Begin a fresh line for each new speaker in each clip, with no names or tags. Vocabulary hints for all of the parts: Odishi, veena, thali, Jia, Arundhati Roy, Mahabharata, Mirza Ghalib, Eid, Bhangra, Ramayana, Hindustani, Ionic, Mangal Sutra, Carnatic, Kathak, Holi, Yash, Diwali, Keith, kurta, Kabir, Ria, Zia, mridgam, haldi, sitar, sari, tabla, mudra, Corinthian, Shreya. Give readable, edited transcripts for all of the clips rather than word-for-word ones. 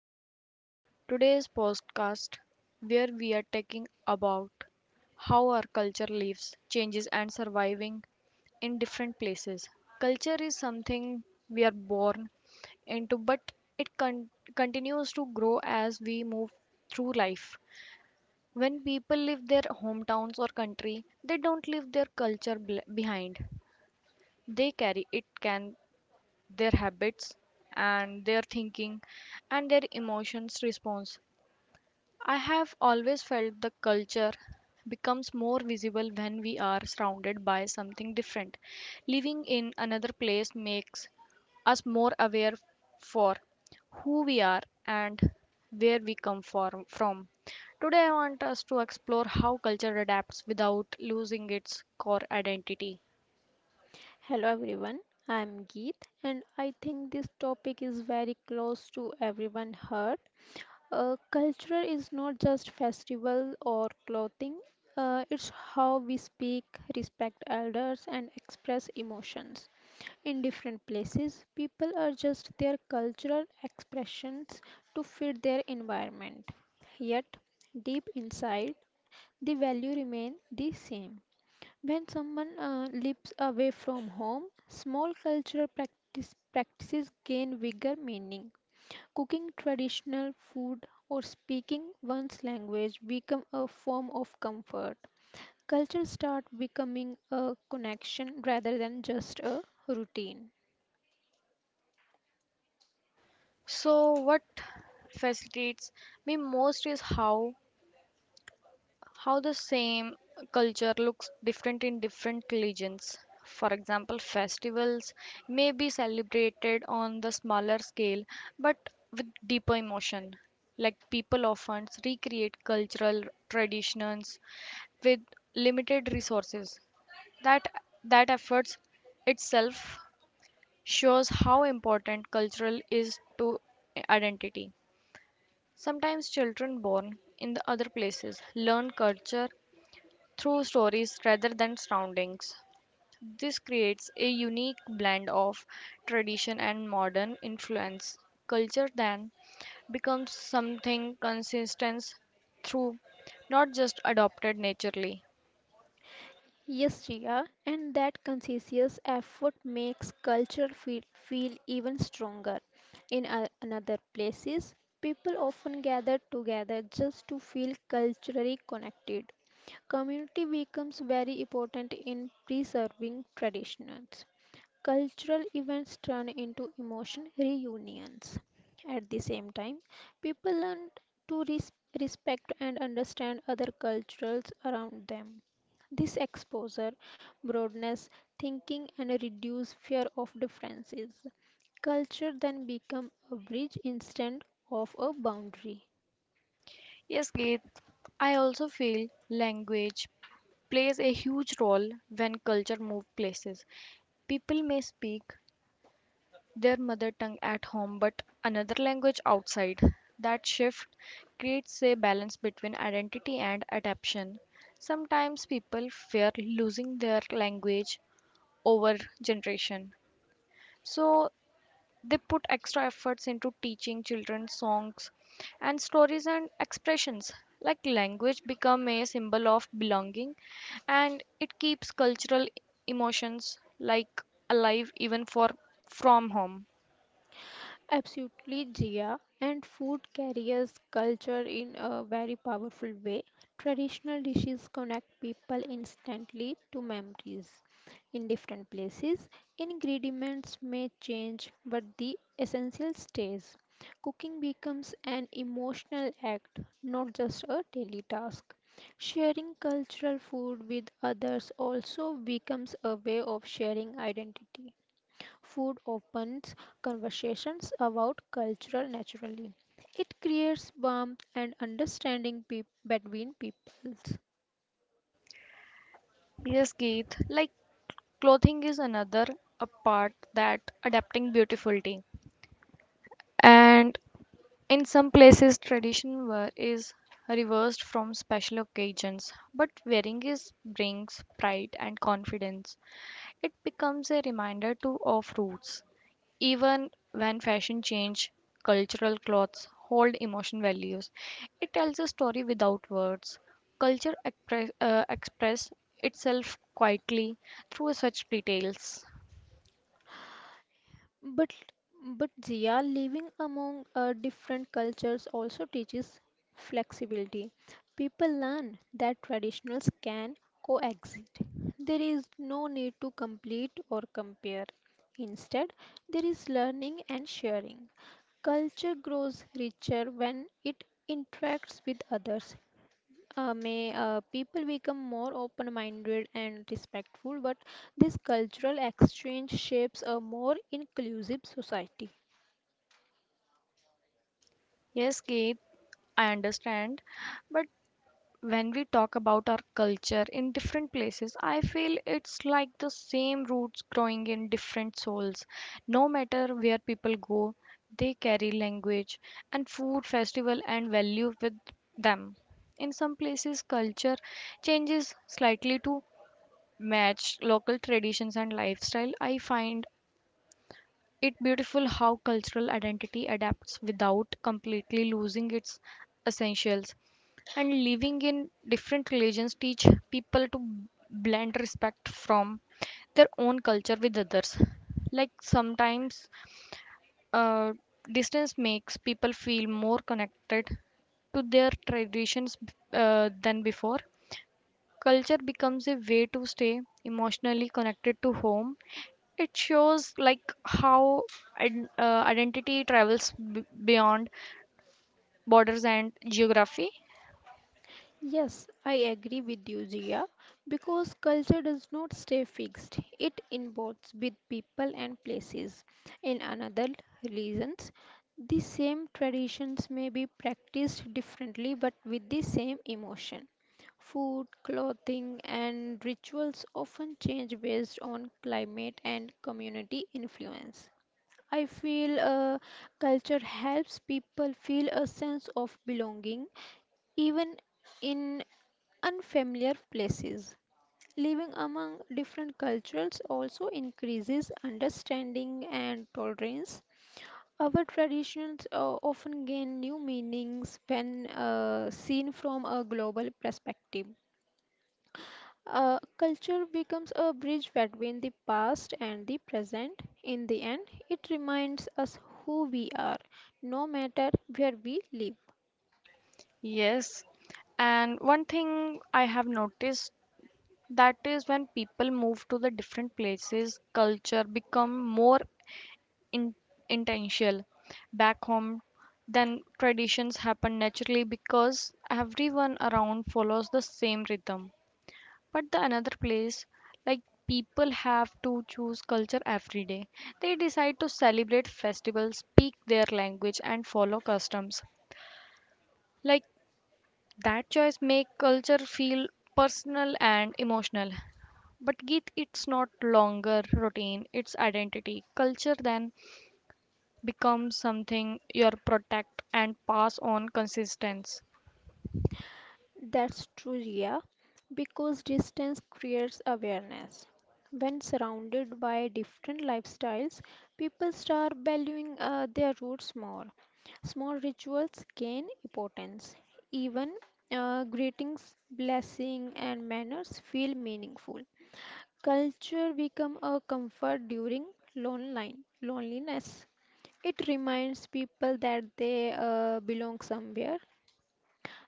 to the today's podcast where we are talking about how our culture lives, changes and surviving in different places. Culture is something we are born into, but it con- continues to grow as we move through life. When people leave their hometowns or country, they don't leave their behind. They carry it can their habits and their thinking and their emotions response. I have always felt the culture becomes more visible when we are surrounded by something different. Living in another place makes us more aware for who we are and where we come from. Today I want us to explore how culture adapts without losing its core identity.
Hello everyone, I am Geet and I think this topic is very close to everyone's heart. Culture is not just festival or clothing, it's how we speak, respect elders and express emotions. In different places, people adjust their cultural expressions to fit their environment. Yet, deep inside, the value remain the same. When someone lives away from home, small practices gain bigger meaning. Cooking traditional food or speaking one's language become a form of comfort. Culture start becoming a connection rather than just a routine.
So what fascinates me most is how the same culture looks different in different religions. For example, festivals may be celebrated on the smaller scale but with deeper emotion. Like people often recreate cultural traditions with limited resources. That that efforts itself shows how important cultural is to identity. Sometimes children born in the other places learn culture through stories rather than surroundings. This creates a unique blend of tradition and modern influence. Culture then becomes something consistent through, not just adopted naturally.
Yes, Ria, and that conscious effort makes culture feel even stronger. In another places, people often gather together just to feel culturally connected. Community becomes very important in preserving traditions. Cultural events turn into emotion reunions. At the same time, people learn to respect and understand other cultures around them. This exposure broadens thinking and reduce fear of differences. Culture then become a bridge instead of a boundary.
Yes, Keith, I also feel language plays a huge role when culture moves places. People may speak their mother tongue at home but another language outside. That shift creates a balance between identity and adaptation. Sometimes people fear losing their language over generation. So they put extra efforts into teaching children songs and stories and expressions. Like language become a symbol of belonging, and it keeps cultural emotions like alive even for from home.
Absolutely, Jia. And food carries culture in a very powerful way. Traditional dishes connect people instantly to memories. In different places, ingredients may change, but the essential stays. Cooking becomes an emotional act, not just a daily task. Sharing cultural food with others also becomes a way of sharing identity. Food opens conversations about culture naturally. It creates warmth and understanding peop between peoples.
Yes, Keith, like clothing is another a part that adapting beautifully. And in some places, tradition wear is reversed from special occasions, but wearing is brings pride and confidence. It becomes a reminder to of roots. Even when fashion change, cultural clothes hold emotion values. It tells a story without words. Culture express itself quietly through such details.
But but Zia, living among different cultures also teaches flexibility. People learn that traditionals can coexist. There is no need to complete or compare. Instead, there is learning and sharing. Culture grows richer when it interacts with others may people become more open minded and respectful, but this cultural exchange shapes a more inclusive society.
Yes, Keith, I understand, but when we talk about our culture in different places, I feel it's like the same roots growing in different souls. No matter where people go, they carry language and food, festival, and value with them. In some places, culture changes slightly to match local traditions and lifestyle. I find it's beautiful how cultural identity adapts without completely losing its essentials. And living in different religions teach people to blend respect from their own culture with others. Like sometimes uh, distance makes people feel more connected to their traditions than before. Culture becomes a way to stay emotionally connected to home. It shows like how identity travels beyond borders and geography.
Yes, I agree with you, Jia, because culture does not stay fixed. It involves with people and places. In another religions, the same traditions may be practiced differently but with the same emotion. Food, clothing, and rituals often change based on climate and community influence. I feel culture helps people feel a sense of belonging even in unfamiliar places. Living among different cultures also increases understanding and tolerance. Our traditions often gain new meanings when seen from a global perspective. Culture becomes a bridge between the past and the present. In the end, it reminds us who we are, no matter where we live.
Yes, and one thing I have noticed that is when people move to the different places, culture become more in- intentional. Back home, then traditions happen naturally because everyone around follows the same rhythm. But the another place, like, people have to choose culture every day. They decide to celebrate festivals, speak their language and follow customs. Like that choice make culture feel personal and emotional. But Geet, it's not longer routine, it's identity. Culture then becomes something you protect and pass on consistence.
That's true, Ria, because distance creates awareness. When surrounded by different lifestyles, people start valuing their roots more. Small rituals gain importance. Even greetings, blessing, and manners feel meaningful. Culture become a comfort during lonely, loneliness. It reminds people that they belong somewhere.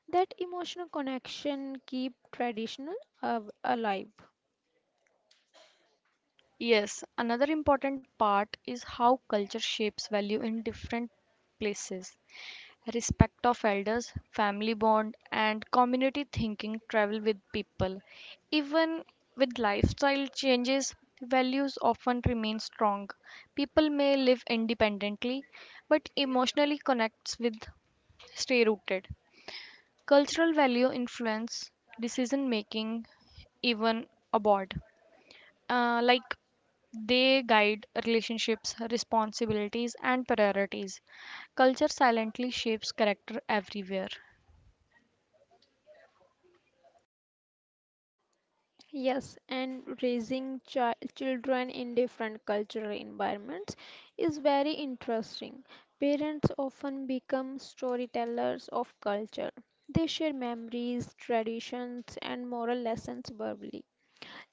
That emotional connection keep traditional alive.
Yes, another important part is how culture shapes value in different places. Respect of elders, family bond, and community thinking travel with people. Even with lifestyle changes, values often remain strong. People may live independently, but emotionally connects with stay rooted. Cultural value influence decision making even abroad, like they guide relationships, responsibilities, and priorities. Culture silently shapes character everywhere.
Yes, and raising children in different cultural environments is very interesting. Parents often become storytellers of culture. They share memories, traditions, and moral lessons verbally.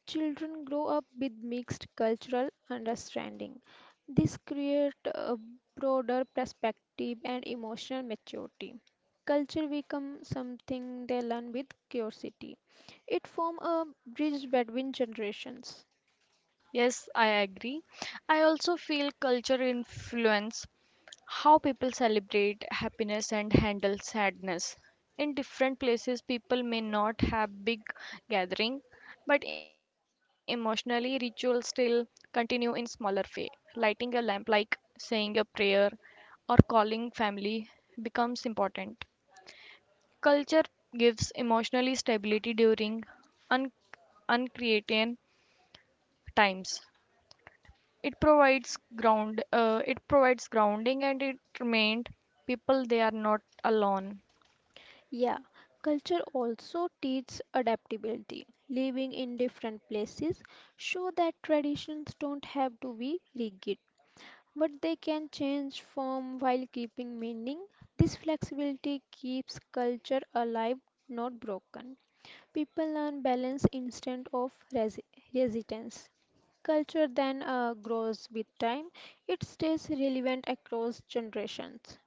Children grow up with mixed cultural understanding. This creates a broader perspective and emotional maturity. Culture becomes something they learn with curiosity. It forms a bridge between generations.
Yes, I agree. I also feel culture influence how people celebrate happiness and handle sadness. In different places, people may not have big gathering, but emotionally, rituals still continue in smaller way. Lighting a lamp, like saying a prayer or calling family, becomes important. Culture gives emotionally stability during un- uncreated times. It provides grounding, and it remind people they are not alone.
Yeah, culture also teaches adaptability. Living in different places show that traditions don't have to be rigid, but they can change form while keeping meaning. This flexibility keeps culture alive, not broken. People learn balance instead of resistance. Culture then grows with time, it stays relevant across generations.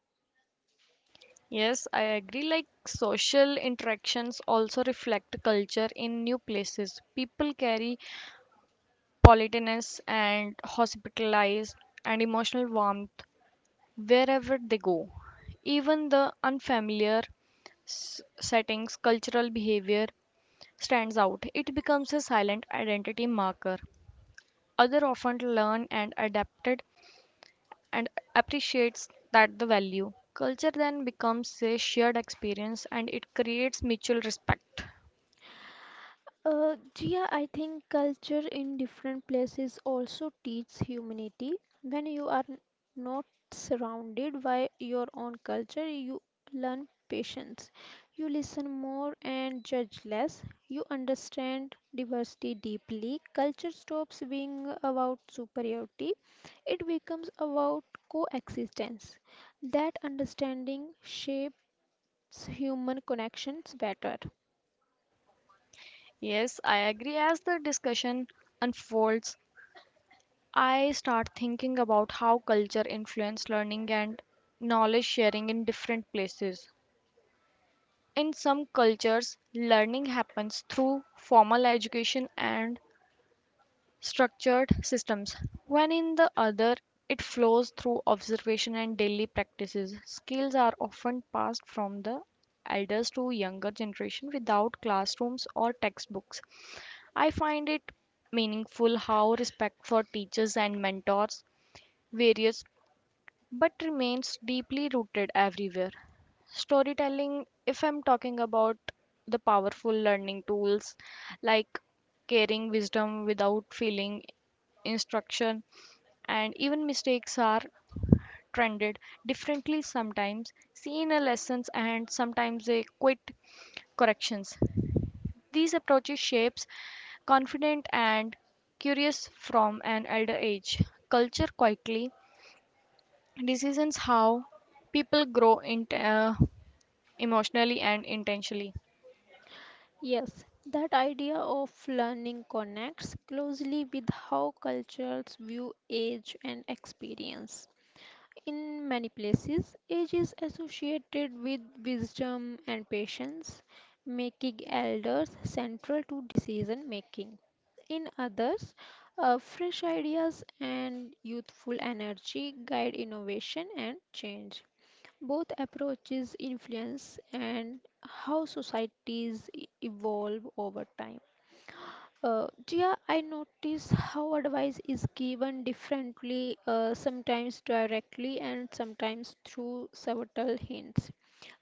Yes, I agree. Like social interactions also reflect culture in new places. People carry politeness and hospitalized and emotional warmth wherever they go. Even the unfamiliar settings, cultural behavior stands out. It becomes a silent identity marker. Other often learn and adapted and appreciates that the value. Culture then becomes a shared experience, and it creates mutual respect.
Jia, I think culture in different places also teaches humanity. When you are not surrounded by your own culture, you learn patience. You listen more and judge less. You understand diversity deeply. Culture stops being about superiority, it becomes about coexistence. That understanding shapes human connections better.
Yes, I agree. As the discussion unfolds, I start thinking about how culture influences learning and knowledge sharing in different places. In some cultures, learning happens through formal education and structured systems, when in the other it flows through observation and daily practices. Skills are often passed from the elders to younger generation without classrooms or textbooks. I find it meaningful how respect for teachers and mentors various but remains deeply rooted everywhere. Storytelling, if I'm talking about the powerful learning tools, like carrying wisdom without feeling instruction, and even mistakes are trended differently, sometimes seen as lessons and sometimes they quit corrections. These approaches shapes confident and curious from an elder age. Culture quietly decisions how people grow in, emotionally and intentionally.
Yes, that idea of learning connects closely with how cultures view age and experience. In many places, age is associated with wisdom and patience, making elders central to decision making. In others, fresh ideas and youthful energy guide innovation and change. Both approaches influence and how societies evolve over time. Jia, I notice how advice is given differently, sometimes directly and sometimes through subtle hints.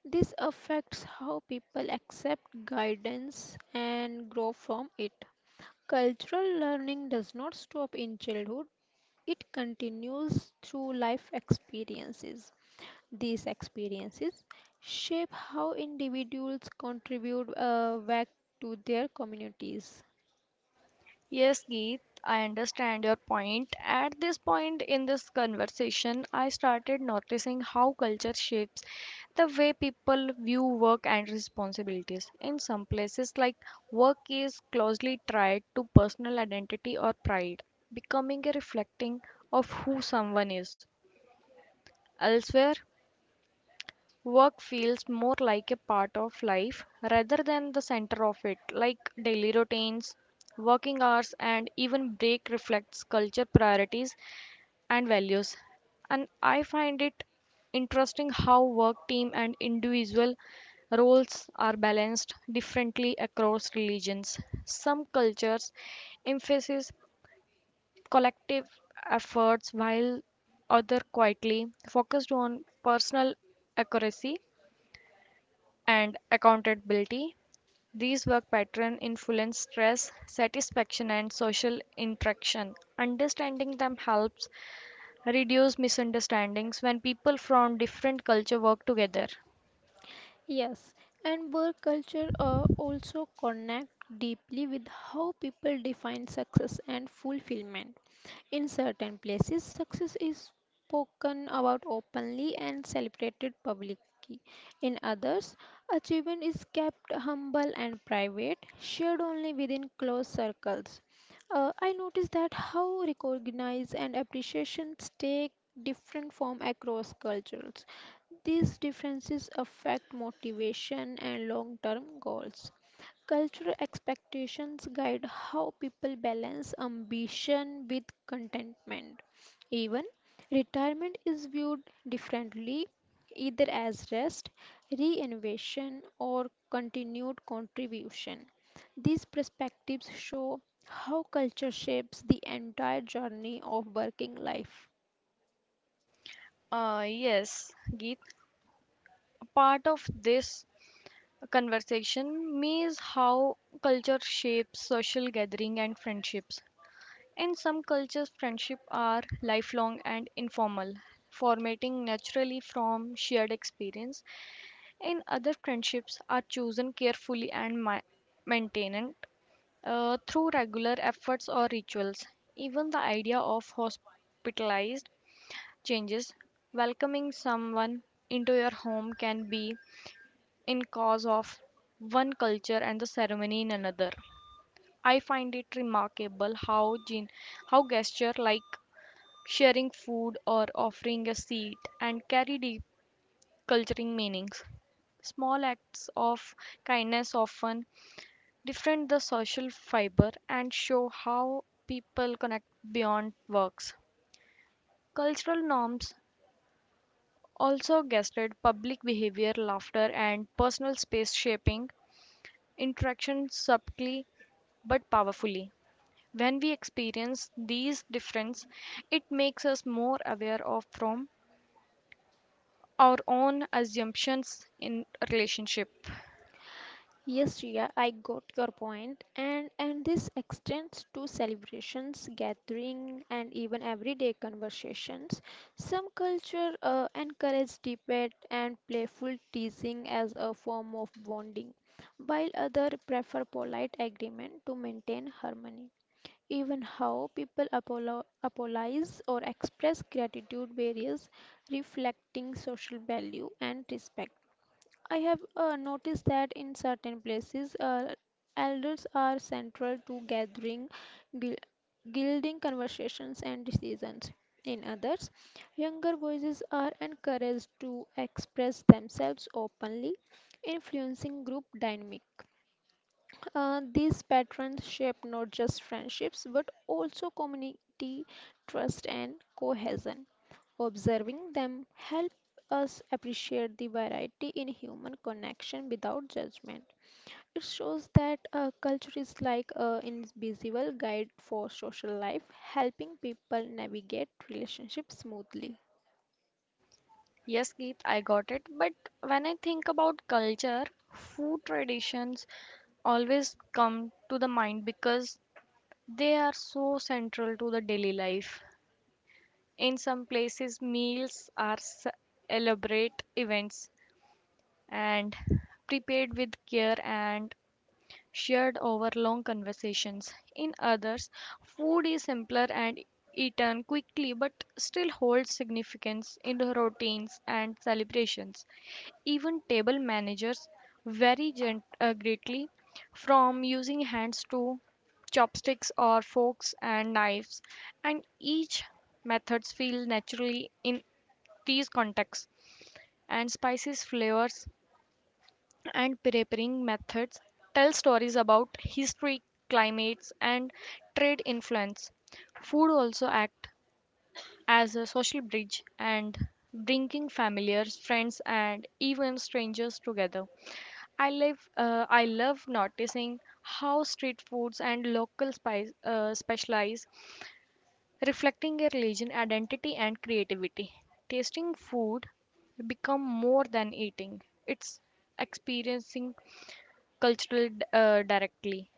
This affects how people accept guidance and grow from it. Cultural learning does not stop in childhood, it continues through life experiences. These experiences shape how individuals contribute back to their communities.
Yes, Geet, I understand your point. At this point in this conversation, I started noticing how culture shapes the way people view work and responsibilities. In some places, like, work is closely tied to personal identity or pride, becoming a reflecting of who someone is. Elsewhere, work feels more like a part of life rather than the center of it. Like daily routines, working hours, and even break reflects culture priorities and values. And I find it interesting how work team and individual roles are balanced differently across religions. Some cultures emphasize collective efforts while other quietly focused on personal accuracy and accountability. These work patterns influence stress, satisfaction, and social interaction. Understanding them helps reduce misunderstandings when people from different culture work together.
Yes, and work culture also connect deeply with how people define success and fulfillment. In certain places, success is spoken about openly and celebrated publicly. In others, achievement is kept humble and private, shared only within close circles. I noticed that how recognize and appreciation take different form across cultures. These differences affect motivation and long term goals. Cultural expectations guide how people balance ambition with contentment. Even retirement is viewed differently, either as rest, reinvention, or continued contribution. These perspectives show how culture shapes the entire journey of working life.
Yes, Geet. Part of this conversation means how culture shapes social gathering and friendships. In some cultures, friendships are lifelong and informal, formatting naturally from shared experience. In other, friendships are chosen carefully and maintained through regular efforts or rituals. Even the idea of hospitalized changes. Welcoming someone into your home can be in cause of one culture and the ceremony in another. I find it remarkable how gesture like sharing food or offering a seat and carry deep culturing meanings. Small acts of kindness often different the social fiber and show how people connect beyond works. Cultural norms also guested public behavior, laughter, and personal space shaping interaction subtly but powerfully. When we experience these differences, it makes us more aware of from our own assumptions in relationship.
Yes, Shreya, I got your point. And this extends to celebrations, gathering, and even everyday conversations. Some culture encourage debate and playful teasing as a form of bonding, while others prefer polite agreement to maintain harmony. Even how people apologize or express gratitude varies, reflecting social value and respect. I have noticed that in certain places, elders are central to gathering, gui- guiding conversations and decisions. In others, younger voices are encouraged to express themselves openly, influencing group dynamic. These patterns shape not just friendships but also community trust and cohesion. Observing them help us appreciate the variety in human connection without judgment. It shows that culture is like an invisible guide for social life, helping people navigate relationships smoothly.
Yes, Geet, I got it. But when I think about culture, food traditions always come to the mind because they are so central to the daily life. In some places, meals are elaborate events and prepared with care and shared over long conversations. In others, food is simpler and eaten quickly but still holds significance in the routines and celebrations. Even table managers vary greatly, from using hands to chopsticks or forks and knives, and each methods feel naturally in these contexts. And spices, flavors, and preparing methods tell stories about history, climates, and trade influence. Food also act as a social bridge and bringing familiars, friends, and even strangers together. I live. I love noticing how street foods and local spice specialize, reflecting a religion, identity, and creativity. Tasting food become more than eating. It's experiencing cultural directly.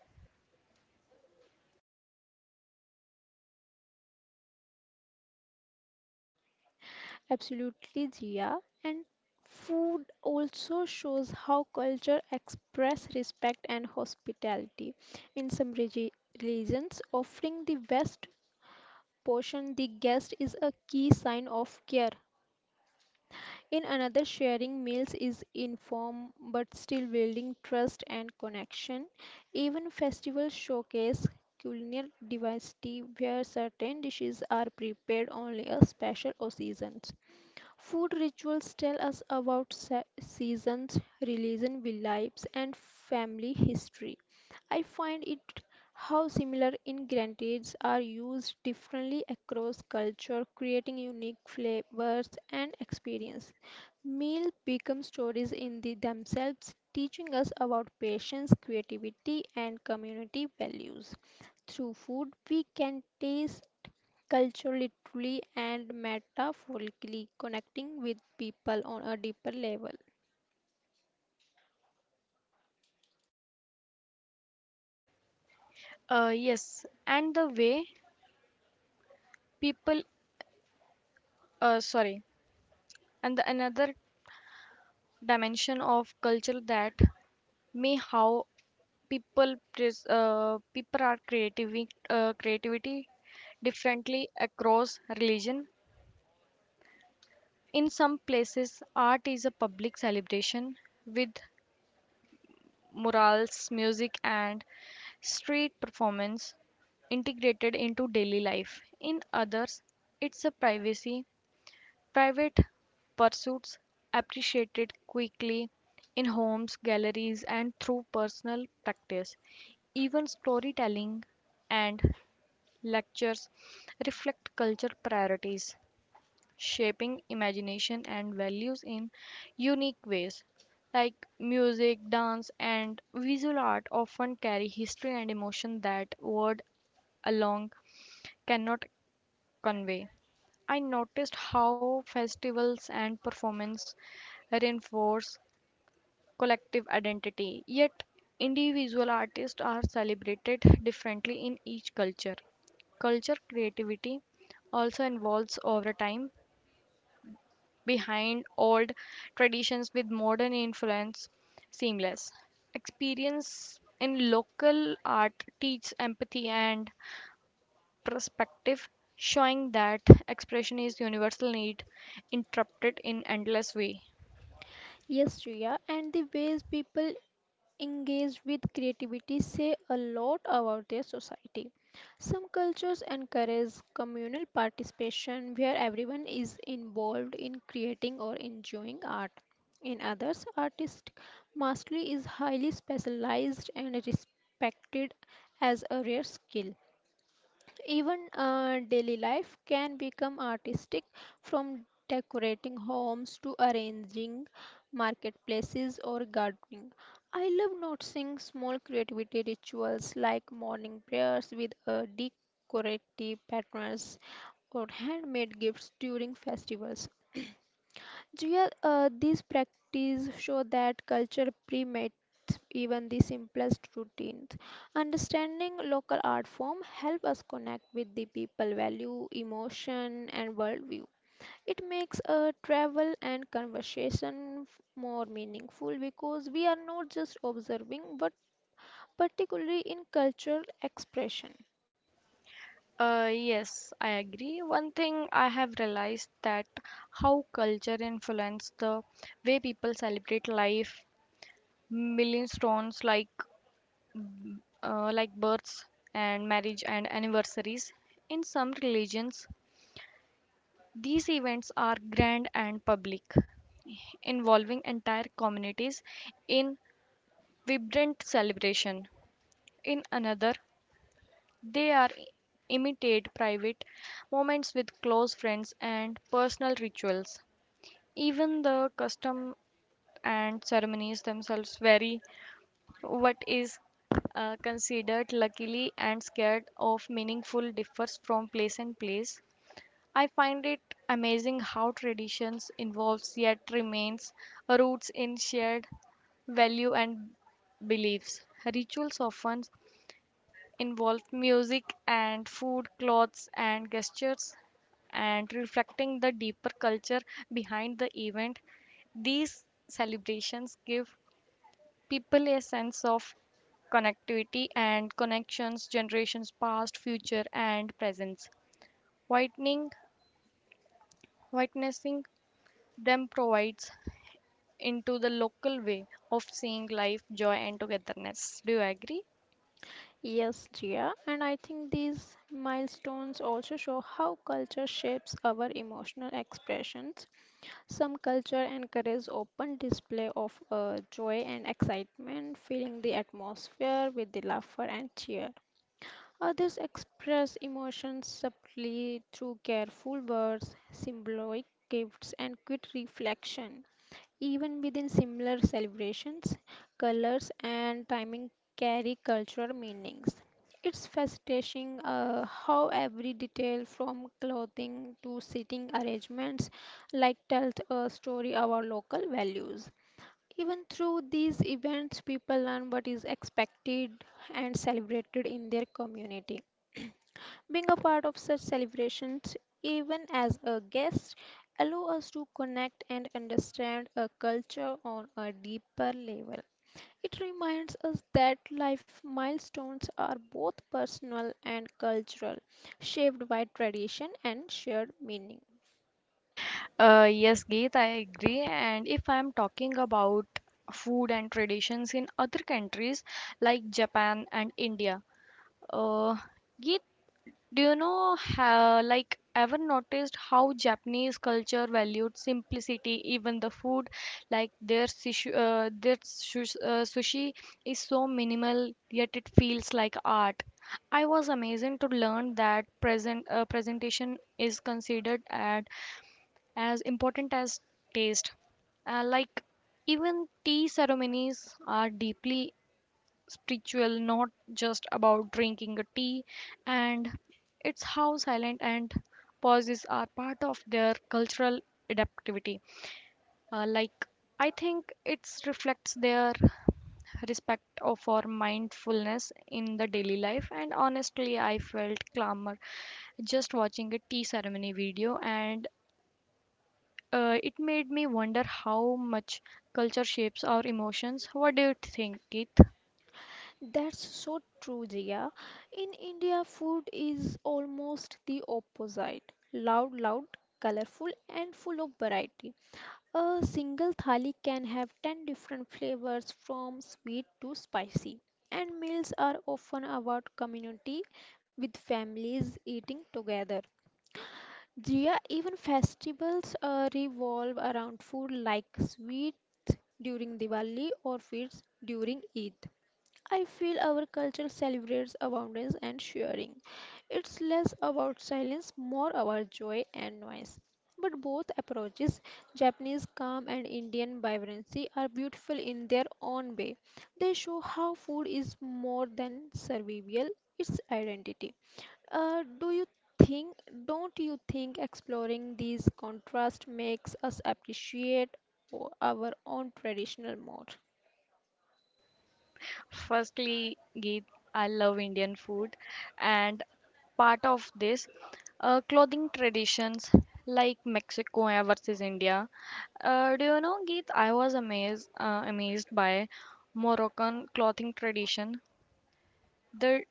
Absolutely, Jia. And food also shows how culture express respect and hospitality. In some regions, offering the best portion the guest is a key sign of care. In another, sharing meals is inform but still building trust and connection. Even festivals showcase culinary diversity where certain dishes are prepared only a special occasions. Food rituals tell us about seasons, religion, beliefs, and family history. I find it how similar ingredients are used differently across culture, creating unique flavors and experience. Meals become stories in the themselves, teaching us about patience, creativity, and community values. Through food, we can taste culture literally and metaphorically connecting with people on a deeper level.
Yes, and the people. Uh, sorry, and the another dimension of culture that may how people are creativity differently across religion. In some places, art is a public celebration with murals, music and street performance integrated into daily life. In others, it's a privacy private pursuits appreciated quickly in homes, galleries and through personal practice. Even storytelling and lectures reflect culture priorities, shaping imagination and values in unique ways. Like music, dance, and visual art often carry history and emotion that word alone cannot convey. I noticed how festivals and performance reinforce collective identity, yet individual artists are celebrated differently in each culture. Culture creativity also involves over time, behind old traditions with modern influence seamless. Experience in local art teaches empathy and perspective, showing that expression is universal need interrupted in endless way.
Yes, Shreya, and the ways people engage with creativity say a lot about their society. Some cultures encourage communal participation where everyone is involved in creating or enjoying art. In others, artistic mastery is highly specialized and respected as a rare skill. Even daily life can become artistic from decorating homes to arranging marketplaces or gardening. I love noticing small creativity rituals like morning prayers with decorative patterns or handmade gifts during festivals. Jia, these practice show that culture primates even the simplest routines. Understanding local art form help us connect with the people value, emotion, and worldview. It makes a travel and conversation more meaningful because we are not just observing, but particularly in cultural expression.
Yes, I agree. One thing I have realized that how culture influence the way people celebrate life, milestones like births and marriage and anniversaries. In some religions, these events are grand and public, involving entire communities in vibrant celebration. In another, they are imitate private moments with close friends and personal rituals. Even the custom and ceremonies themselves vary. What is considered luckily and scared of meaningful differs from place and place. I find it amazing how traditions involves yet remains roots in shared value and beliefs. Rituals often involved music and food, clothes and gestures, and reflecting the deeper culture behind the event. These celebrations give people a sense of connectivity and connections generations past, future, and present. Whitening, Witnessing them provides into the local way of seeing life, joy, and togetherness. Do you agree?
Yes, Jia, and I think these milestones also show how culture shapes our emotional expressions. Some culture encourages open display of joy and excitement, filling the atmosphere with the laughter and cheer. Others express emotions subtly through careful words, symbolic gifts, and quick reflection. Even within similar celebrations, colors and timing carry cultural meanings. It's fascinating how every detail from clothing to seating arrangements like tells a story about local values. Even through these events, people learn what is expected and celebrated in their community. Being a part of such celebrations, even as a guest, allow us to connect and understand a culture on a deeper level. It reminds us that life milestones are both personal and cultural, shaped by tradition and shared meaning.
Yes, Geet, I agree. And if I'm talking about food and traditions in other countries like Japan and India, uh, Geet, do you know how, like, ever noticed how Japanese culture valued simplicity, even the food, like their sushi is so minimal, yet it feels like art. I was amazed to learn that presentation is considered at as important as taste. Like, even tea ceremonies are deeply spiritual, not just about drinking a tea, and it's how silent and pauses are part of their cultural adaptivity. Like, I think it reflects their respect for mindfulness in the daily life, and honestly I felt calmer just watching a tea ceremony video, and it made me wonder how much culture shapes our emotions. What do you think, Keith?
That's so true, Jia. In India, food is almost the opposite loud, colorful, and full of variety. A single thali can have 10 different flavors from sweet to spicy, and meals are often about community with families eating together. Jia, even festivals revolve around food like sweets during Diwali or feasts during Eid. I feel our culture celebrates abundance and sharing. It's less about silence, more about joy and noise. But both approaches, Japanese calm and Indian vibrancy, are beautiful in their own way. They show how food is more than survival, it's identity. Uh, do you think, don't you think exploring these contrasts makes us appreciate our own traditional more?
Firstly, Geet, I love Indian food, and part of this clothing traditions like Mexico versus India. Do you know, Geet? I was amazed by Moroccan clothing tradition. The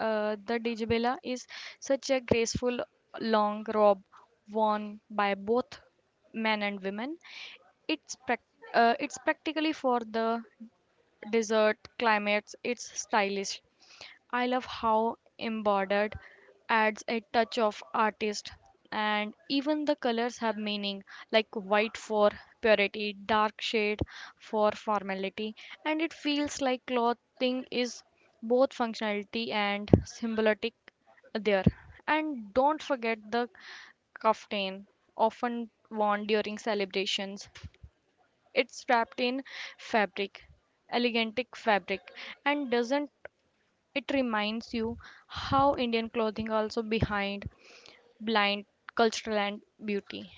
the djebela is such a graceful long robe worn by both men and women. It's prac it's practically for the desert climates. It's stylish. I love how embroidered adds a touch of artist, and even the colors have meaning, like white for purity, dark shade for formality, and it feels like clothing is both functionality and symbolic there. And don't forget the kaftan, often worn during celebrations. It's wrapped in fabric, elegantic fabric, and doesn't it reminds you how Indian clothing also behind blind cultural and beauty.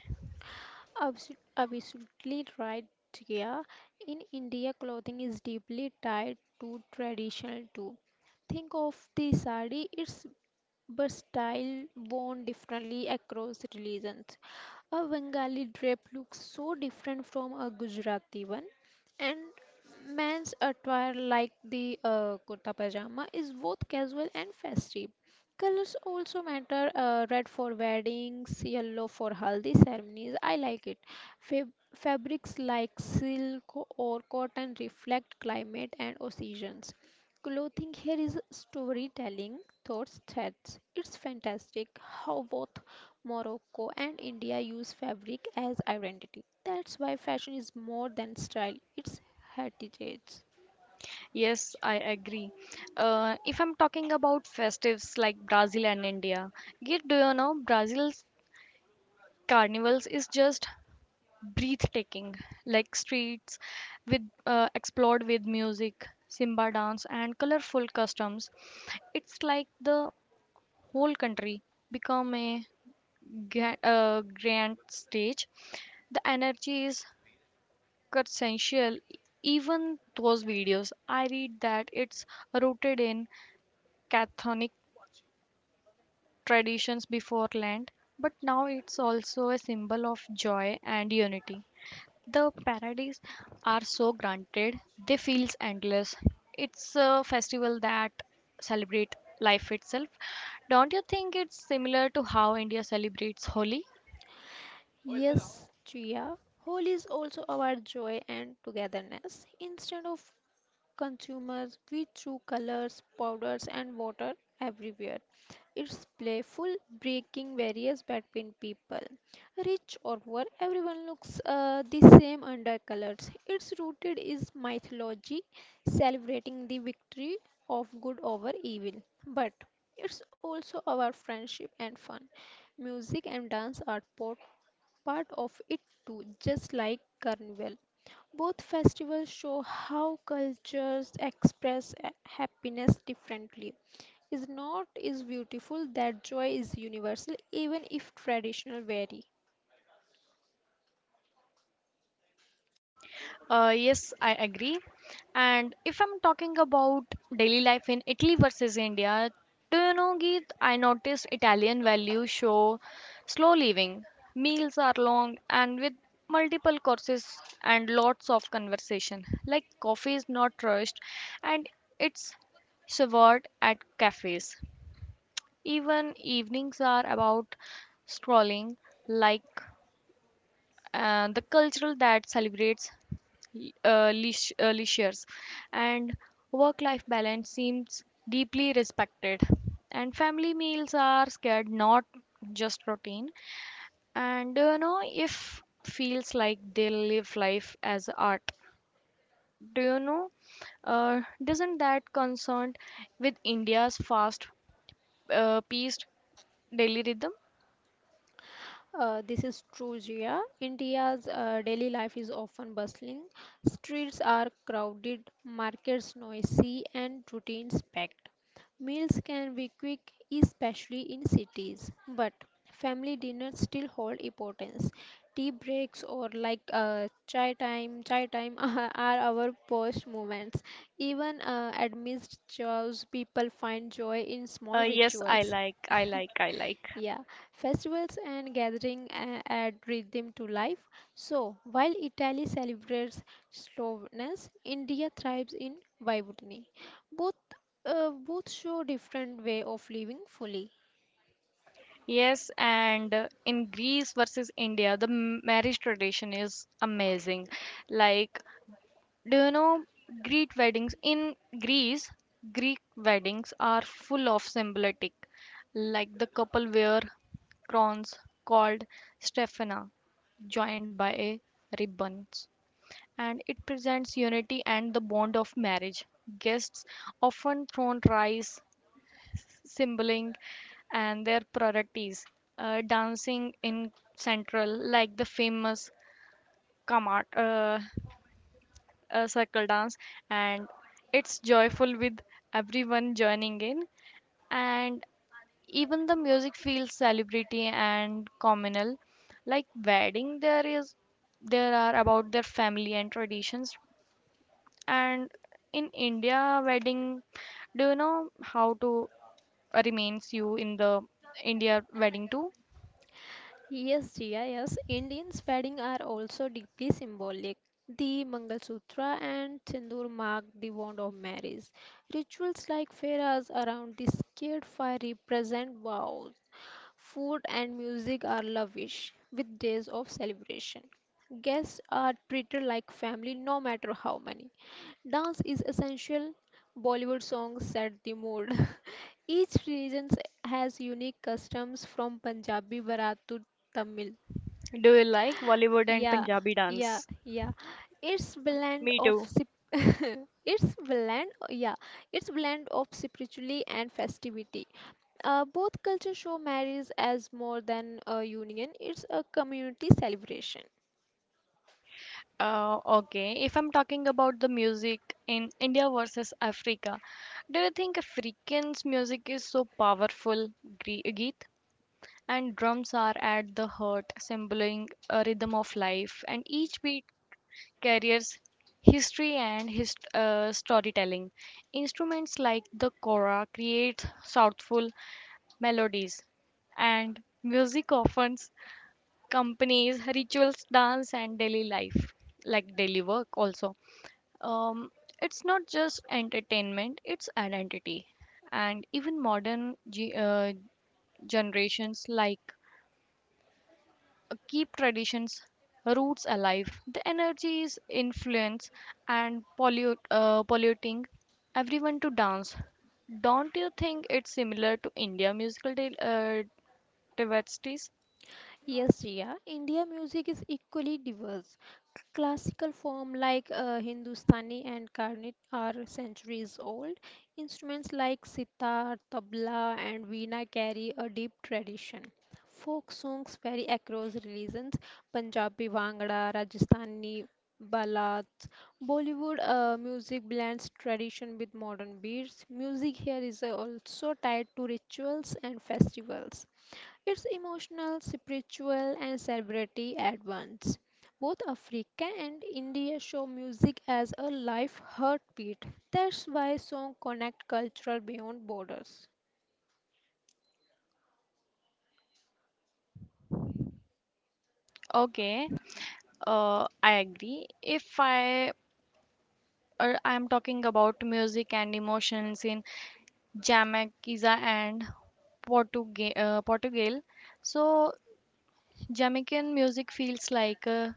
Absolutely right, Jia. In India, clothing is deeply tied to tradition too. Think of the sari, it's versatile, worn differently across religions. A Bengali drape looks so different from a Gujarati one, and men's attire like the kurta pajama is both casual and festive. Colors also matter, red for weddings, yellow for haldi ceremonies. I like it. Fabrics like silk or cotton reflect climate and seasons. Clothing here is storytelling, thoughts, threads. It's fantastic how both Morocco and India use fabric as identity. That's why fashion is more than style, it's heritage.
Yes, I agree. If I'm talking about festives like Brazil and India, yet do you know Brazil's carnivals is just breathtaking, like streets with explored with music, Simba dance, and colorful customs. It's like the whole country become a grand stage. The energy is quintessential. Even those videos, I read that it's rooted in Catholic traditions before land, but now it's also a symbol of joy and unity. The parades are so granted, they feels endless. It's a festival that celebrate life itself. Don't you think it's similar to how India celebrates Holi?
Yes, Chia. Holi is also about joy and togetherness. Instead of consumers we threw colors, powders, and water everywhere. Its playful breaking barriers between people. Rich or poor, everyone looks the same under colors. Its rooted is mythology, celebrating the victory of good over evil. But it's also about friendship and fun. Music and dance are part of it too, just like Carnival. Both festivals show how cultures express happiness differently. Is not is beautiful that joy is universal even if traditional vary.
Yes, I agree. And if I'm talking about daily life in Italy versus India, do you know, Geet, I noticed Italian values show slow living. Meals are long and with multiple courses and lots of conversation. Like coffee is not rushed, and it's served at cafes. Even evenings are about scrolling, like the cultural that celebrates leisures, and work life balance seems deeply respected, and family meals are scared not just routine. And do you know if feels like they live life as art? Do you know, doesn't that concerned with India's fast paced daily rhythm?
This is true, Jia. India's daily life is often bustling. Streets are crowded, markets noisy, and routines packed. Meals can be quick, especially in cities, but family dinners still hold importance. Tea breaks or like chai time are our post moments. Even amidst chaos, people find joy in small
Yes, i
rituals.
like i like i like
Yeah, festivals and gathering add rhythm to life. So, while Italy celebrates slowness, India thrives in vivacity. Both both show different way of living fully.
Yes, and in Greece versus India, the marriage tradition is amazing. Like, do you know Greek weddings? In Greece, Greek weddings are full of symbolic. Like, the couple wear crowns called stephena, joined by a ribbons, and it presents unity and the bond of marriage. Guests often thrown rice, symboling and their priorities. Dancing in Central, like the famous Kamat circle dance, and it's joyful with everyone joining in, and even the music feels celebrity and communal. Like wedding, there are about their family and traditions, and in India, wedding, do you know how to remains you in the India wedding too?
Yes, Jia, yes, Indians' wedding are also deeply symbolic. The Mangal Sutra and Sindoor mark the bond of marriage. Rituals like fairas around the sacred fire represent vows. Food and music are lavish with days of celebration. Guests are treated like family no matter how many. Dance is essential. Bollywood songs set the mood. Each region has unique customs from Punjabi Bharat to Tamil.
Do you like Bollywood and
Yeah,
Punjabi
yeah,
dance?
yeah. It's blend
Me
of
too.
sip- it's blend yeah, it's blend of spirituality and festivity. Both cultures show marriage as more than a union, it's a community celebration.
Okay, if I'm talking about the music in India versus Africa, do you think Africans' music is so powerful, Geet? And drums are at the heart, symboling a rhythm of life, and each beat carries history and storytelling. Instruments like the kora create soulful melodies, and music often companies, rituals, dance, and daily life, like daily work also. Um, it's not just entertainment, it's identity. And even modern generations, like keep traditions roots alive, the energies influence and polluting everyone to dance. Don't you think it's similar to India musical diversities?
Yes, Riya. India music is equally diverse. C- Classical form like Hindustani and Carnatic are centuries old. Instruments like sitar, tabla, and veena carry a deep tradition. Folk songs vary across religions. Punjabi Bhangra, Rajasthani ballads. Bollywood music blends tradition with modern beats. Music here is also tied to rituals and festivals. It's emotional, spiritual, and celebrity at once. Both Africa and India show music as a life heartbeat. That's why songs connect cultural beyond borders.
Okay. I agree. If I'm talking about music and emotions in Jamaica and Portugal. So Jamaican music feels like a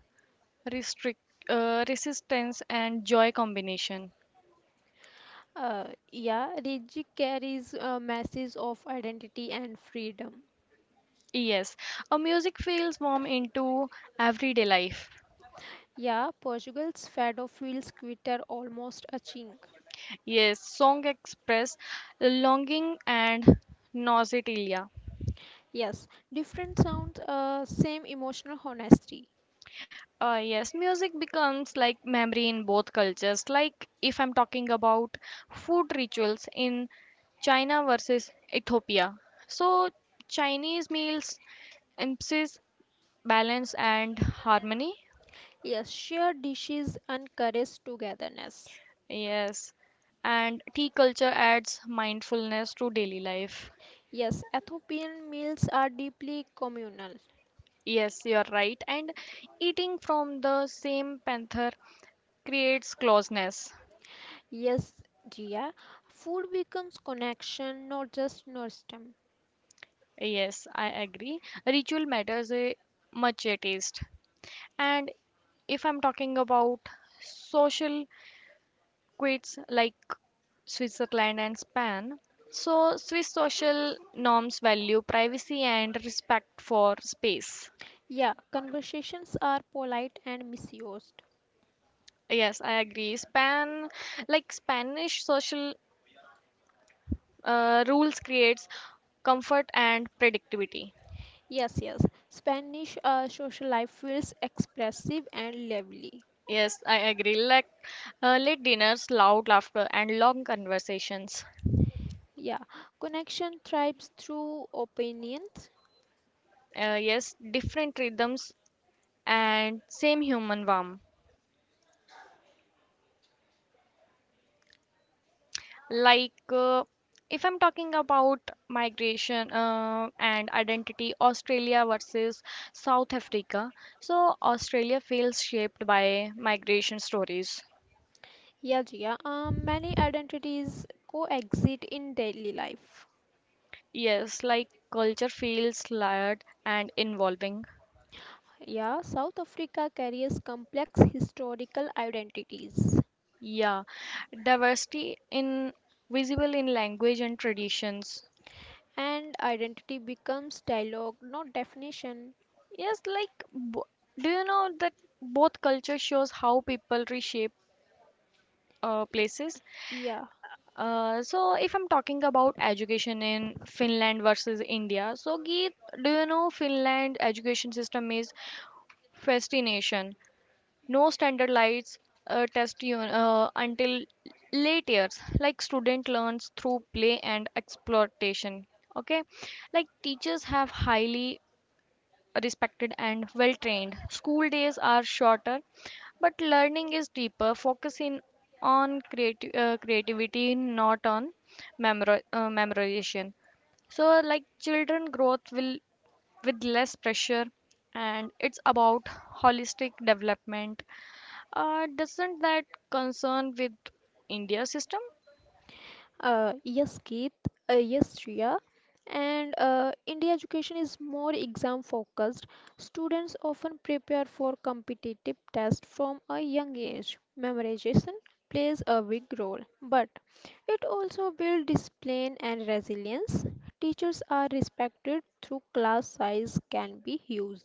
restrict, resistance and joy combination.
Yeah, Riji carries a message of identity and freedom.
Yes, a music feels warm into everyday life.
Yeah, Portugal's fado feels quitter, almost a chink.
Yes, song express longing and nausea.
Yes, different sounds, same emotional honesty.
Yes, music becomes like memory in both cultures. Like, if I'm talking about food rituals in China versus Ethiopia. So Chinese meals emphasize balance and harmony.
Yes, shared dishes encourage togetherness.
Yes. And tea culture adds mindfulness to daily life.
Yes, Ethiopian meals are deeply communal.
Yes, you're right. And eating from the same panther creates closeness.
Yes, Gia, food becomes connection, not just nostalgia.
Yes, I agree. Ritual matters a much a taste. And if I'm talking about social quits like Switzerland and Spain, so Swiss social norms value privacy and respect for space.
Yeah, conversations are polite and misused.
Yes, I agree. Span Like Spanish social rules creates comfort and predictability.
Yes, yes, Spanish social life feels expressive and lively.
Yes, I agree. Like, late dinners, loud laughter, and long conversations.
Yeah, connection thrives through opinions.
Yes, different rhythms and same human warmth. Like, if I'm talking about migration and identity, Australia versus South Africa, so Australia feels shaped by migration stories.
Yeah, Gia, many identities coexist in daily life.
Yes, like culture feels layered and involving.
Yeah, South Africa carries complex historical identities.
Yeah, diversity in visible in language and traditions.
And identity becomes dialogue, not definition.
Yes, like do you know that both culture shows how people reshape places.
Yeah.
So if I'm talking about education in Finland versus India, so Geet, do you know Finland education system is fascination, no standardized test you until late years, like student learns through play and exploitation. Okay, like teachers have highly respected, and well trained. School days are shorter, but learning is deeper, focusing on creativity, not on memorization. So, like children, growth will with less pressure, and it's about holistic development. Doesn't that concern with India system?
Yes, Keith. Yes, Shreya. And India education is more exam focused. Students often prepare for competitive tests from a young age. Memorization plays a big role, but it also builds discipline and resilience. Teachers are respected through class size can be huge.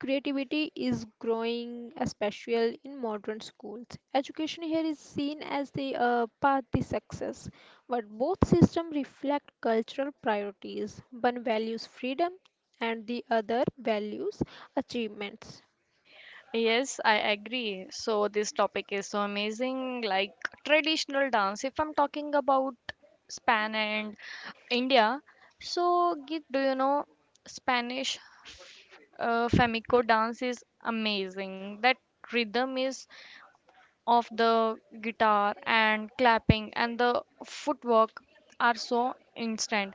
Creativity is growing, especially in modern schools. Education here is seen as the path to success, but both systems reflect cultural priorities. One values freedom, and the other values achievements.
Yes, I agree. So this topic is so amazing, like traditional dance. If I'm talking about Span and India, so Git, do you know Spanish flamenco dance is amazing. That rhythm is of the guitar and clapping and the footwork are so instant.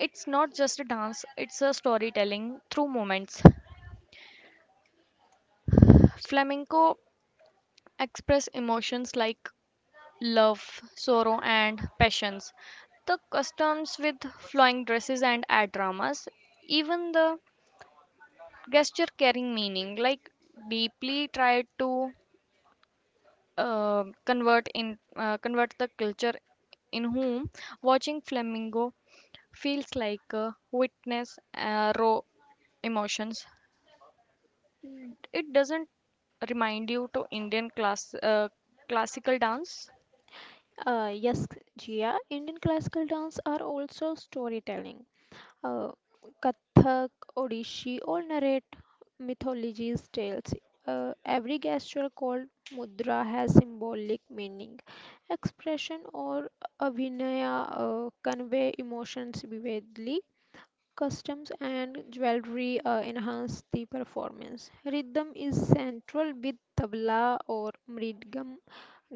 It's not just a dance, it's a storytelling through moments. Flamenco express emotions like love, sorrow, and passions. The customs with flowing dresses and ad dramas, even the gesture carrying meaning, like deeply try to convert the culture, in whom watching flamingo feels like a witness raw emotions. It doesn't remind you to Indian classical dance.
Yes, Jia, Indian classical dance are also storytelling. uh, Kathak, Odishi all narrate mythology's tales. Every gesture called mudra has symbolic meaning. Expression or abhinaya convey emotions vividly. Customs and jewelry enhance the performance. Rhythm is central with tabla or mridgam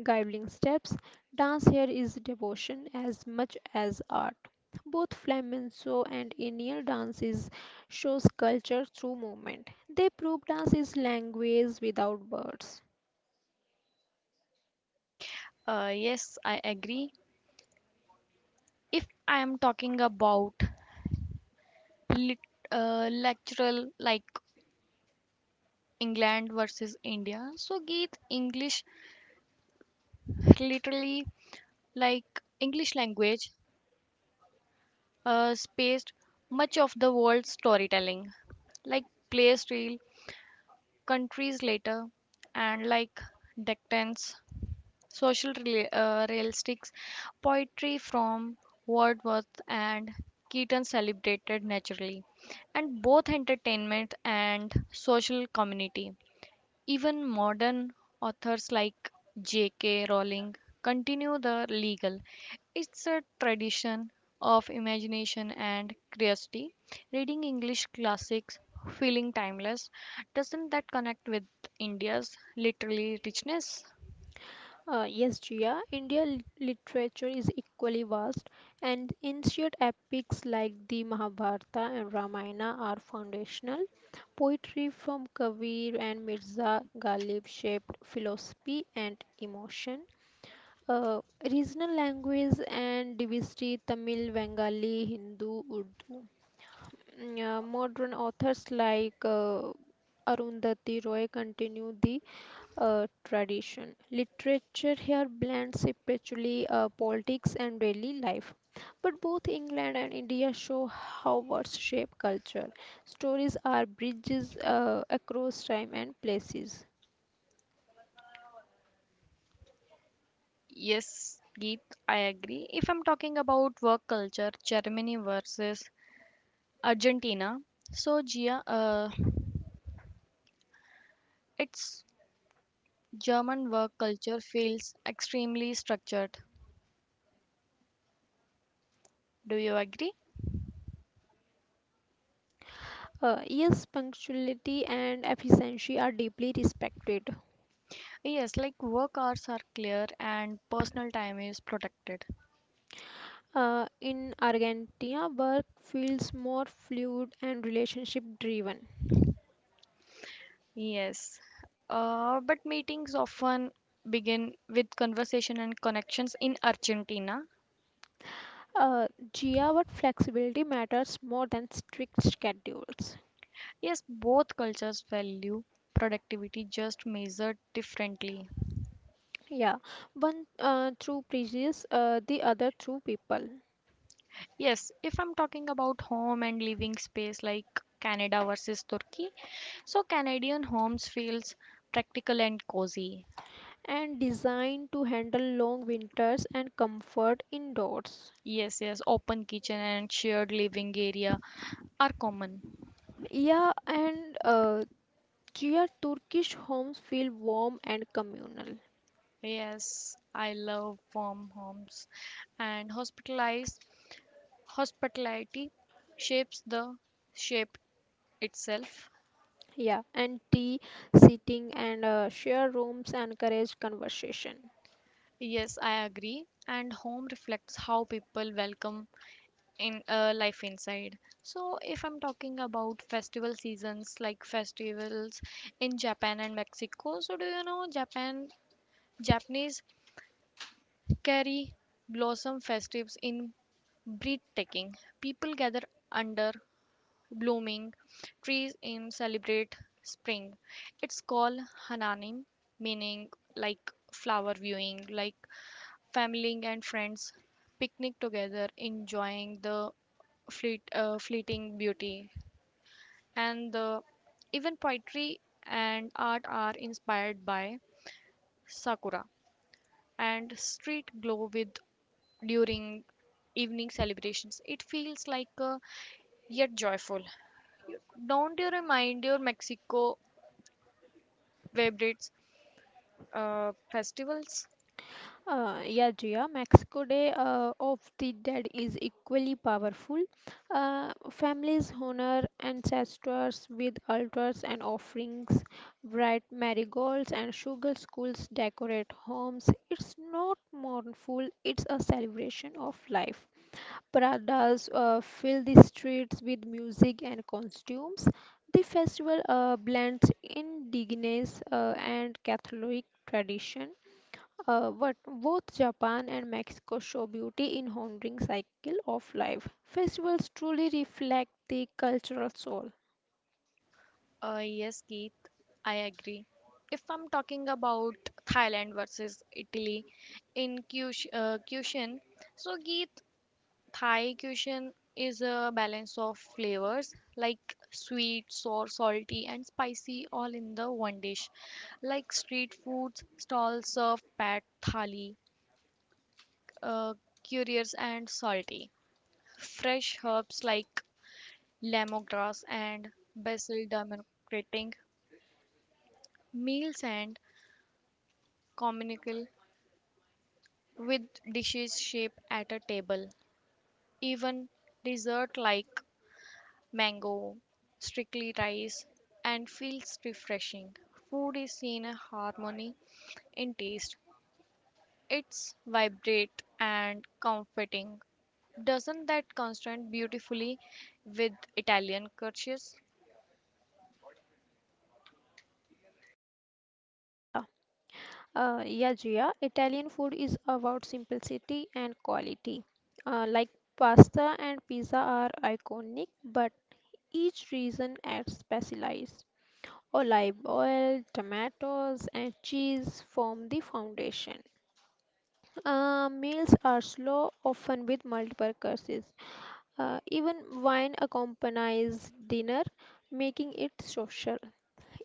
guiding steps. Dance here is devotion as much as art. Both flamenco and Indian dances shows culture through movement. They prove dance is language without words.
Yes, I agree. If I am talking about lit, lectural like England versus India, so Geet English literally, like English language spaced much of the world's storytelling, like place real countries later, and like decades social realistics, poetry from Wordsworth and Keaton celebrated naturally, and both entertainment and social community. Even modern authors like J.K. Rowling continue the legal. It's a tradition of imagination and curiosity. Reading English classics, feeling timeless, doesn't that connect with India's literary richness?
Yes, Jia, Indian literature is equally vast, and ancient epics like the Mahabharata and Ramayana are foundational. Poetry from Kabir and Mirza Ghalib shaped philosophy and emotion. Uh, regional language and diversity Tamil, Bengali, Hindu, Urdu. Mm, modern authors like Arundhati Roy continue the tradition. Literature here blends spiritually politics and daily life. But both England and India show how words shape culture. Stories are bridges across time and places.
Yes, Geet, I agree. If I'm talking about work culture, Germany versus Argentina, so Gia, its German work culture feels extremely structured. Do you agree?
Yes, punctuality and efficiency are deeply respected.
Yes, like work hours are clear and personal time is protected.
In Argentina, work feels more fluid and relationship driven.
Yes, but meetings often begin with conversation and connections in Argentina.
Uh, Gia, but flexibility matters more than strict schedules.
Yes, both cultures value productivity just measured differently.
Yeah, one through bridges, the other through people,
Yes, if I'm talking about home and living space like Canada versus Turkey, so Canadian homes feels practical and cozy.
and designed to handle long winters and comfort indoors.
Yes, yes, open kitchen and shared living area are common.
Yeah, and Gia, Turkish homes feel warm and communal.
Yes, I love warm homes, and hospitalized hospitality shapes the shape itself.
Yeah, and tea, sitting, and share rooms encourage conversation.
Yes, I agree. And home reflects how people welcome in life inside. So if I'm talking about festival seasons, like festivals in Japan and Mexico, so do you know Japan Japanese cherry blossom festives in breathtaking, people gather under blooming trees in celebrate spring. It's called hananim, meaning like flower viewing, like family and friends picnic together, enjoying the fleeting beauty. And even poetry and art are inspired by sakura, and street glow with during evening celebrations. It feels like a yet joyful. Don't you remind your Mexico vibrates festivals?
Yeah, Jia, Mexico Day of the Dead is equally powerful. Families honor ancestors with altars and offerings, bright marigolds and sugar schools decorate homes. It's not mournful, it's a celebration of life. Paradas fill the streets with music and costumes. The festival blends indigenous and Catholic tradition. What both Japan and Mexico show beauty in honoring cycle of life. Festivals truly reflect the cultural soul.
Yes, Keith, I agree. If I'm talking about Thailand versus Italy in cuisine, so Keith, Thai cuisine is a balance of flavors like sweet, sour, salty, and spicy all in the one dish. Like street food stalls serve pad thali, uh, curious and salty. Fresh herbs like lemongrass and basil demarcating meals and communal with dishes shaped at a table. Even dessert like mango, strictly rice, and feels refreshing. Food is in a harmony in taste. It's vibrant and comforting. Doesn't that contrast beautifully with Italian cultures?
Yeah, yeah, Gia. Italian food is about simplicity and quality. Like pasta and pizza are iconic, but each region adds specialized. Olive oil, tomatoes, and cheese form the foundation. Meals are slow, often with multiple courses. Even wine accompanies dinner, making it social.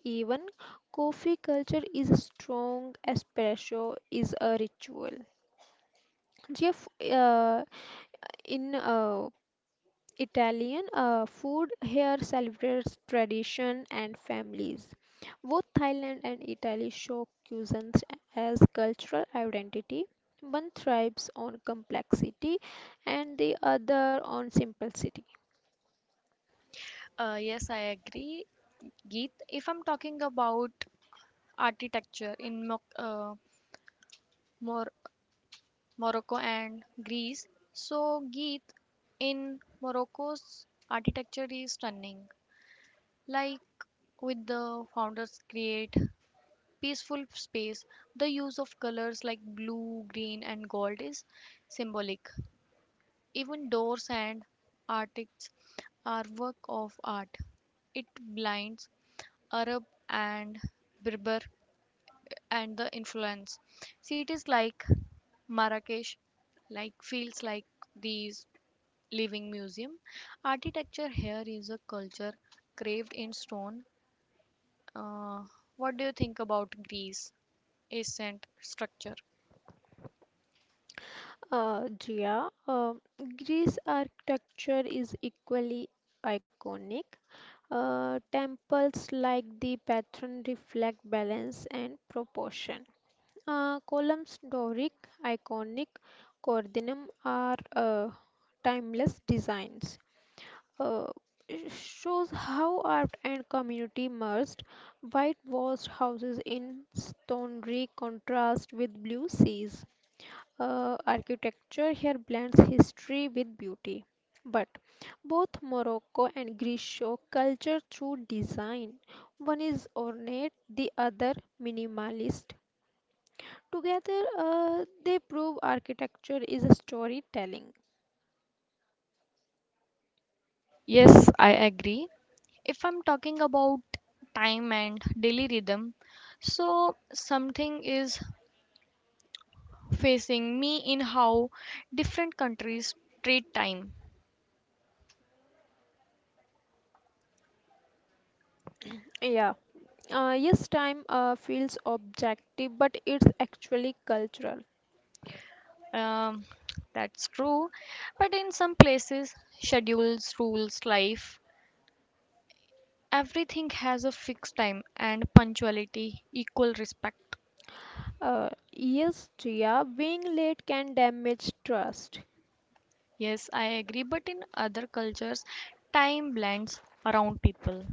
Even coffee culture is strong, espresso is a ritual. Jeff, in Italian food here celebrates tradition and families. Both Thailand and Italy show cuisines as cultural identity. One thrives on complexity and the other on simplicity.
Yes, I agree, Geet. If I'm talking about architecture in Mo- more Morocco and Greece. So, Geet, in Morocco's architecture is stunning. Like, with the founders create peaceful space, the use of colors like blue, green and gold is symbolic. Even doors and artics are work of art. It blinds Arab and Berber and the influence. Cities like Marrakesh like feels like these living museum. Architecture here is a culture carved in stone. Uh, what do you think about Greece? Ancient structure.
Jia, Greece architecture is equally iconic. Temples like the patron reflect balance and proportion. Columns Doric, iconic, Corydon are timeless designs. Uh, it shows how art and community merged. Whitewashed houses in stone contrast with blue seas. Architecture here blends history with beauty. But both Morocco and Greece show culture through design. One is ornate, the other minimalist. Together, they prove architecture is a storytelling.
Yes, I agree. If I'm talking about time and daily rhythm, so something is facing me in how different countries treat time.
Yeah, yes, time feels objective, but it's actually cultural.
Um, that's true, but in some places, schedules rules life. Everything has a fixed time and punctuality, equal respect.
Yes, Jia, being late can damage trust.
Yes, I agree, but in other cultures, time blends around people.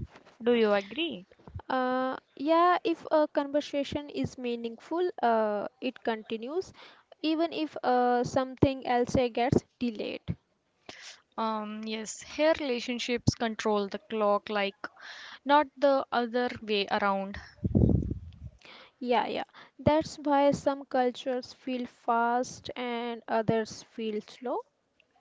Do you agree?
Yeah, if a conversation is meaningful, it continues, even if something else gets delayed.
Yes, here relationships control the clock, like not the other way around.
Yeah, yeah. That's why some cultures feel fast and others feel slow.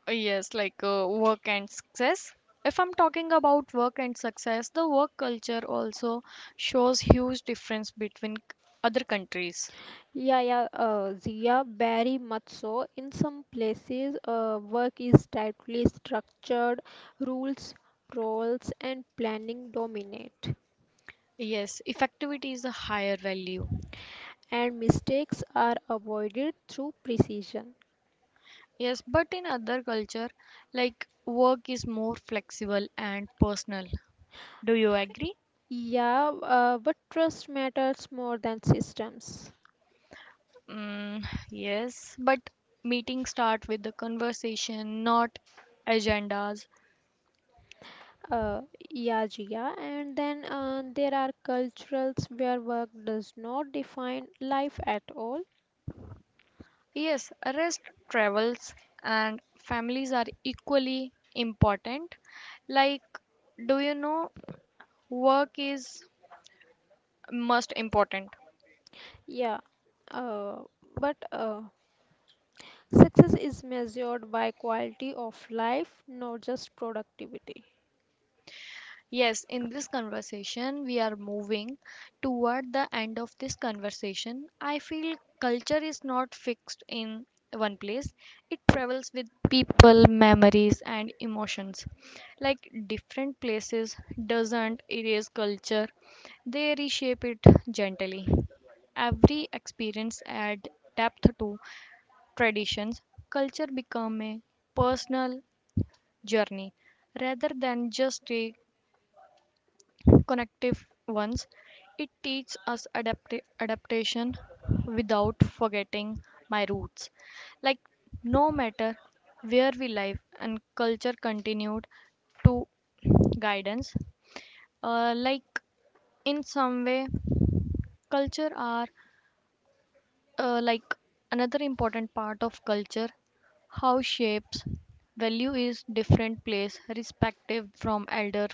Yes, like work and success. If I'm talking about work and success, the work culture also shows huge difference between other countries.
Yeah, Zia, very much so. In some places, work is tightly structured, rules, roles, and planning dominate,
Yes, effectivity is a higher value.
and mistakes are avoided through precision.
Yes, but in other culture, like work is more flexible and personal. Do you agree?
Yeah, but trust matters more than systems.
Mm, yes, but meetings start with the conversation, not agendas.
Uh, yeah, Jia. And then there are cultures where work does not define life at all.
Yes, rest, travels, and families are equally important. Like, do you know work is most important?
Yeah, uh, but uh, success is measured by quality of life, not just productivity.
Yes, in this conversation, we are moving toward the end of this conversation. I feel culture is not fixed in one place, it travels with people, memories, and emotions. Like different places doesn't erase culture, they reshape it gently. Every experience adds depth to traditions. Culture become a personal journey rather than just a connective ones. It teaches us adaptation without forgetting my roots. Like, no matter where we live, and culture continued to guidance. Like, in some way, culture are like another important part of culture, how shapes value is different place respective from elder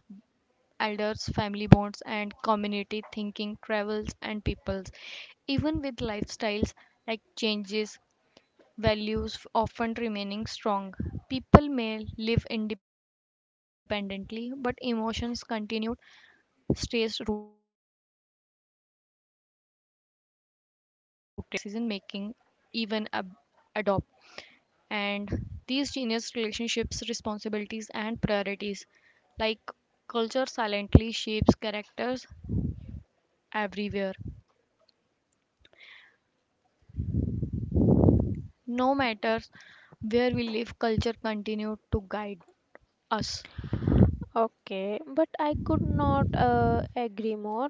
elders, family bonds, and community thinking, travels, and peoples. Even with lifestyles like changes, values often remaining strong. People may live independently, but emotions continue stays rooted. Culture is very valuable influence decision making, even adopt. And these genius relationships, responsibilities, and priorities, like culture, silently shapes characters everywhere. No matter where we live, culture continues to guide us.
Okay, but I could not agree more.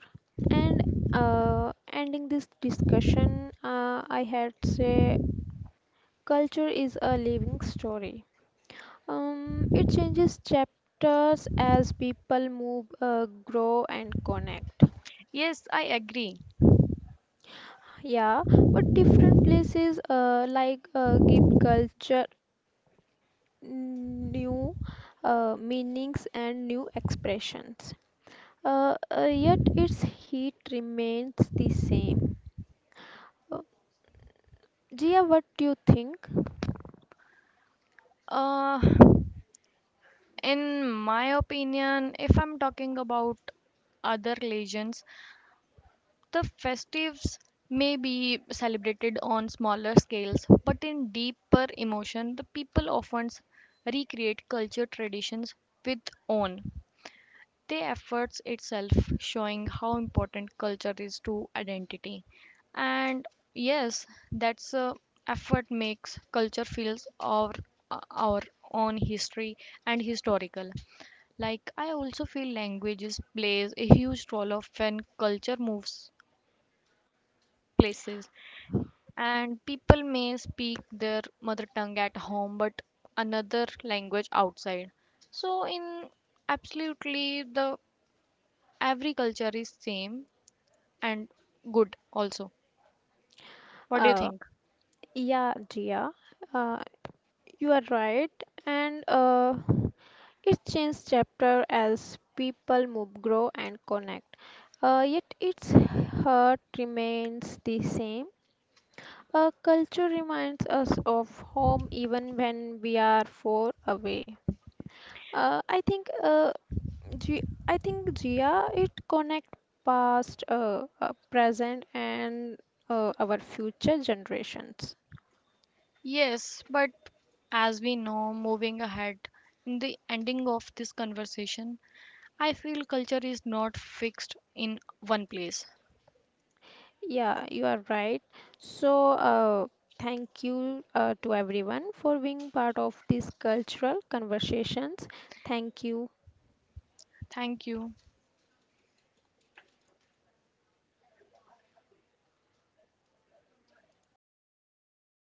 And ending this discussion, I had say Culture is a living story. It changes chapters as people move, grow, and connect.
Yes, I agree.
Yeah, but different places give culture new meanings and new expressions. Yet its heat remains the same. Uh, Jia, what do you think?
Uh, in my opinion, if I'm talking about other religions, the festives may be celebrated on smaller scales, but in deeper emotion, the people often recreate culture traditions with own. The efforts itself showing how important culture is to identity. And yes, that's effort makes culture feels our own history and historical. Like, I also feel languages plays a huge role of when culture moves places, and people may speak their mother tongue at home, but another language outside. So in absolutely the every culture is same and good also. What do you
Uh,
think?
yeah, Jia, uh, you are right. And it's changed chapter as people move, grow, and connect. Yet its heart remains the same. A culture reminds us of home even when we are far away. Uh, I think, uh, G- I think Gia, it connect past, present, and our future generations.
Yes, but as we know, moving ahead in the ending of this conversation, I feel culture is not fixed in one place.
Yeah, you are right. So, thank you to everyone for being part of these cultural conversations. Thank you.
Thank you.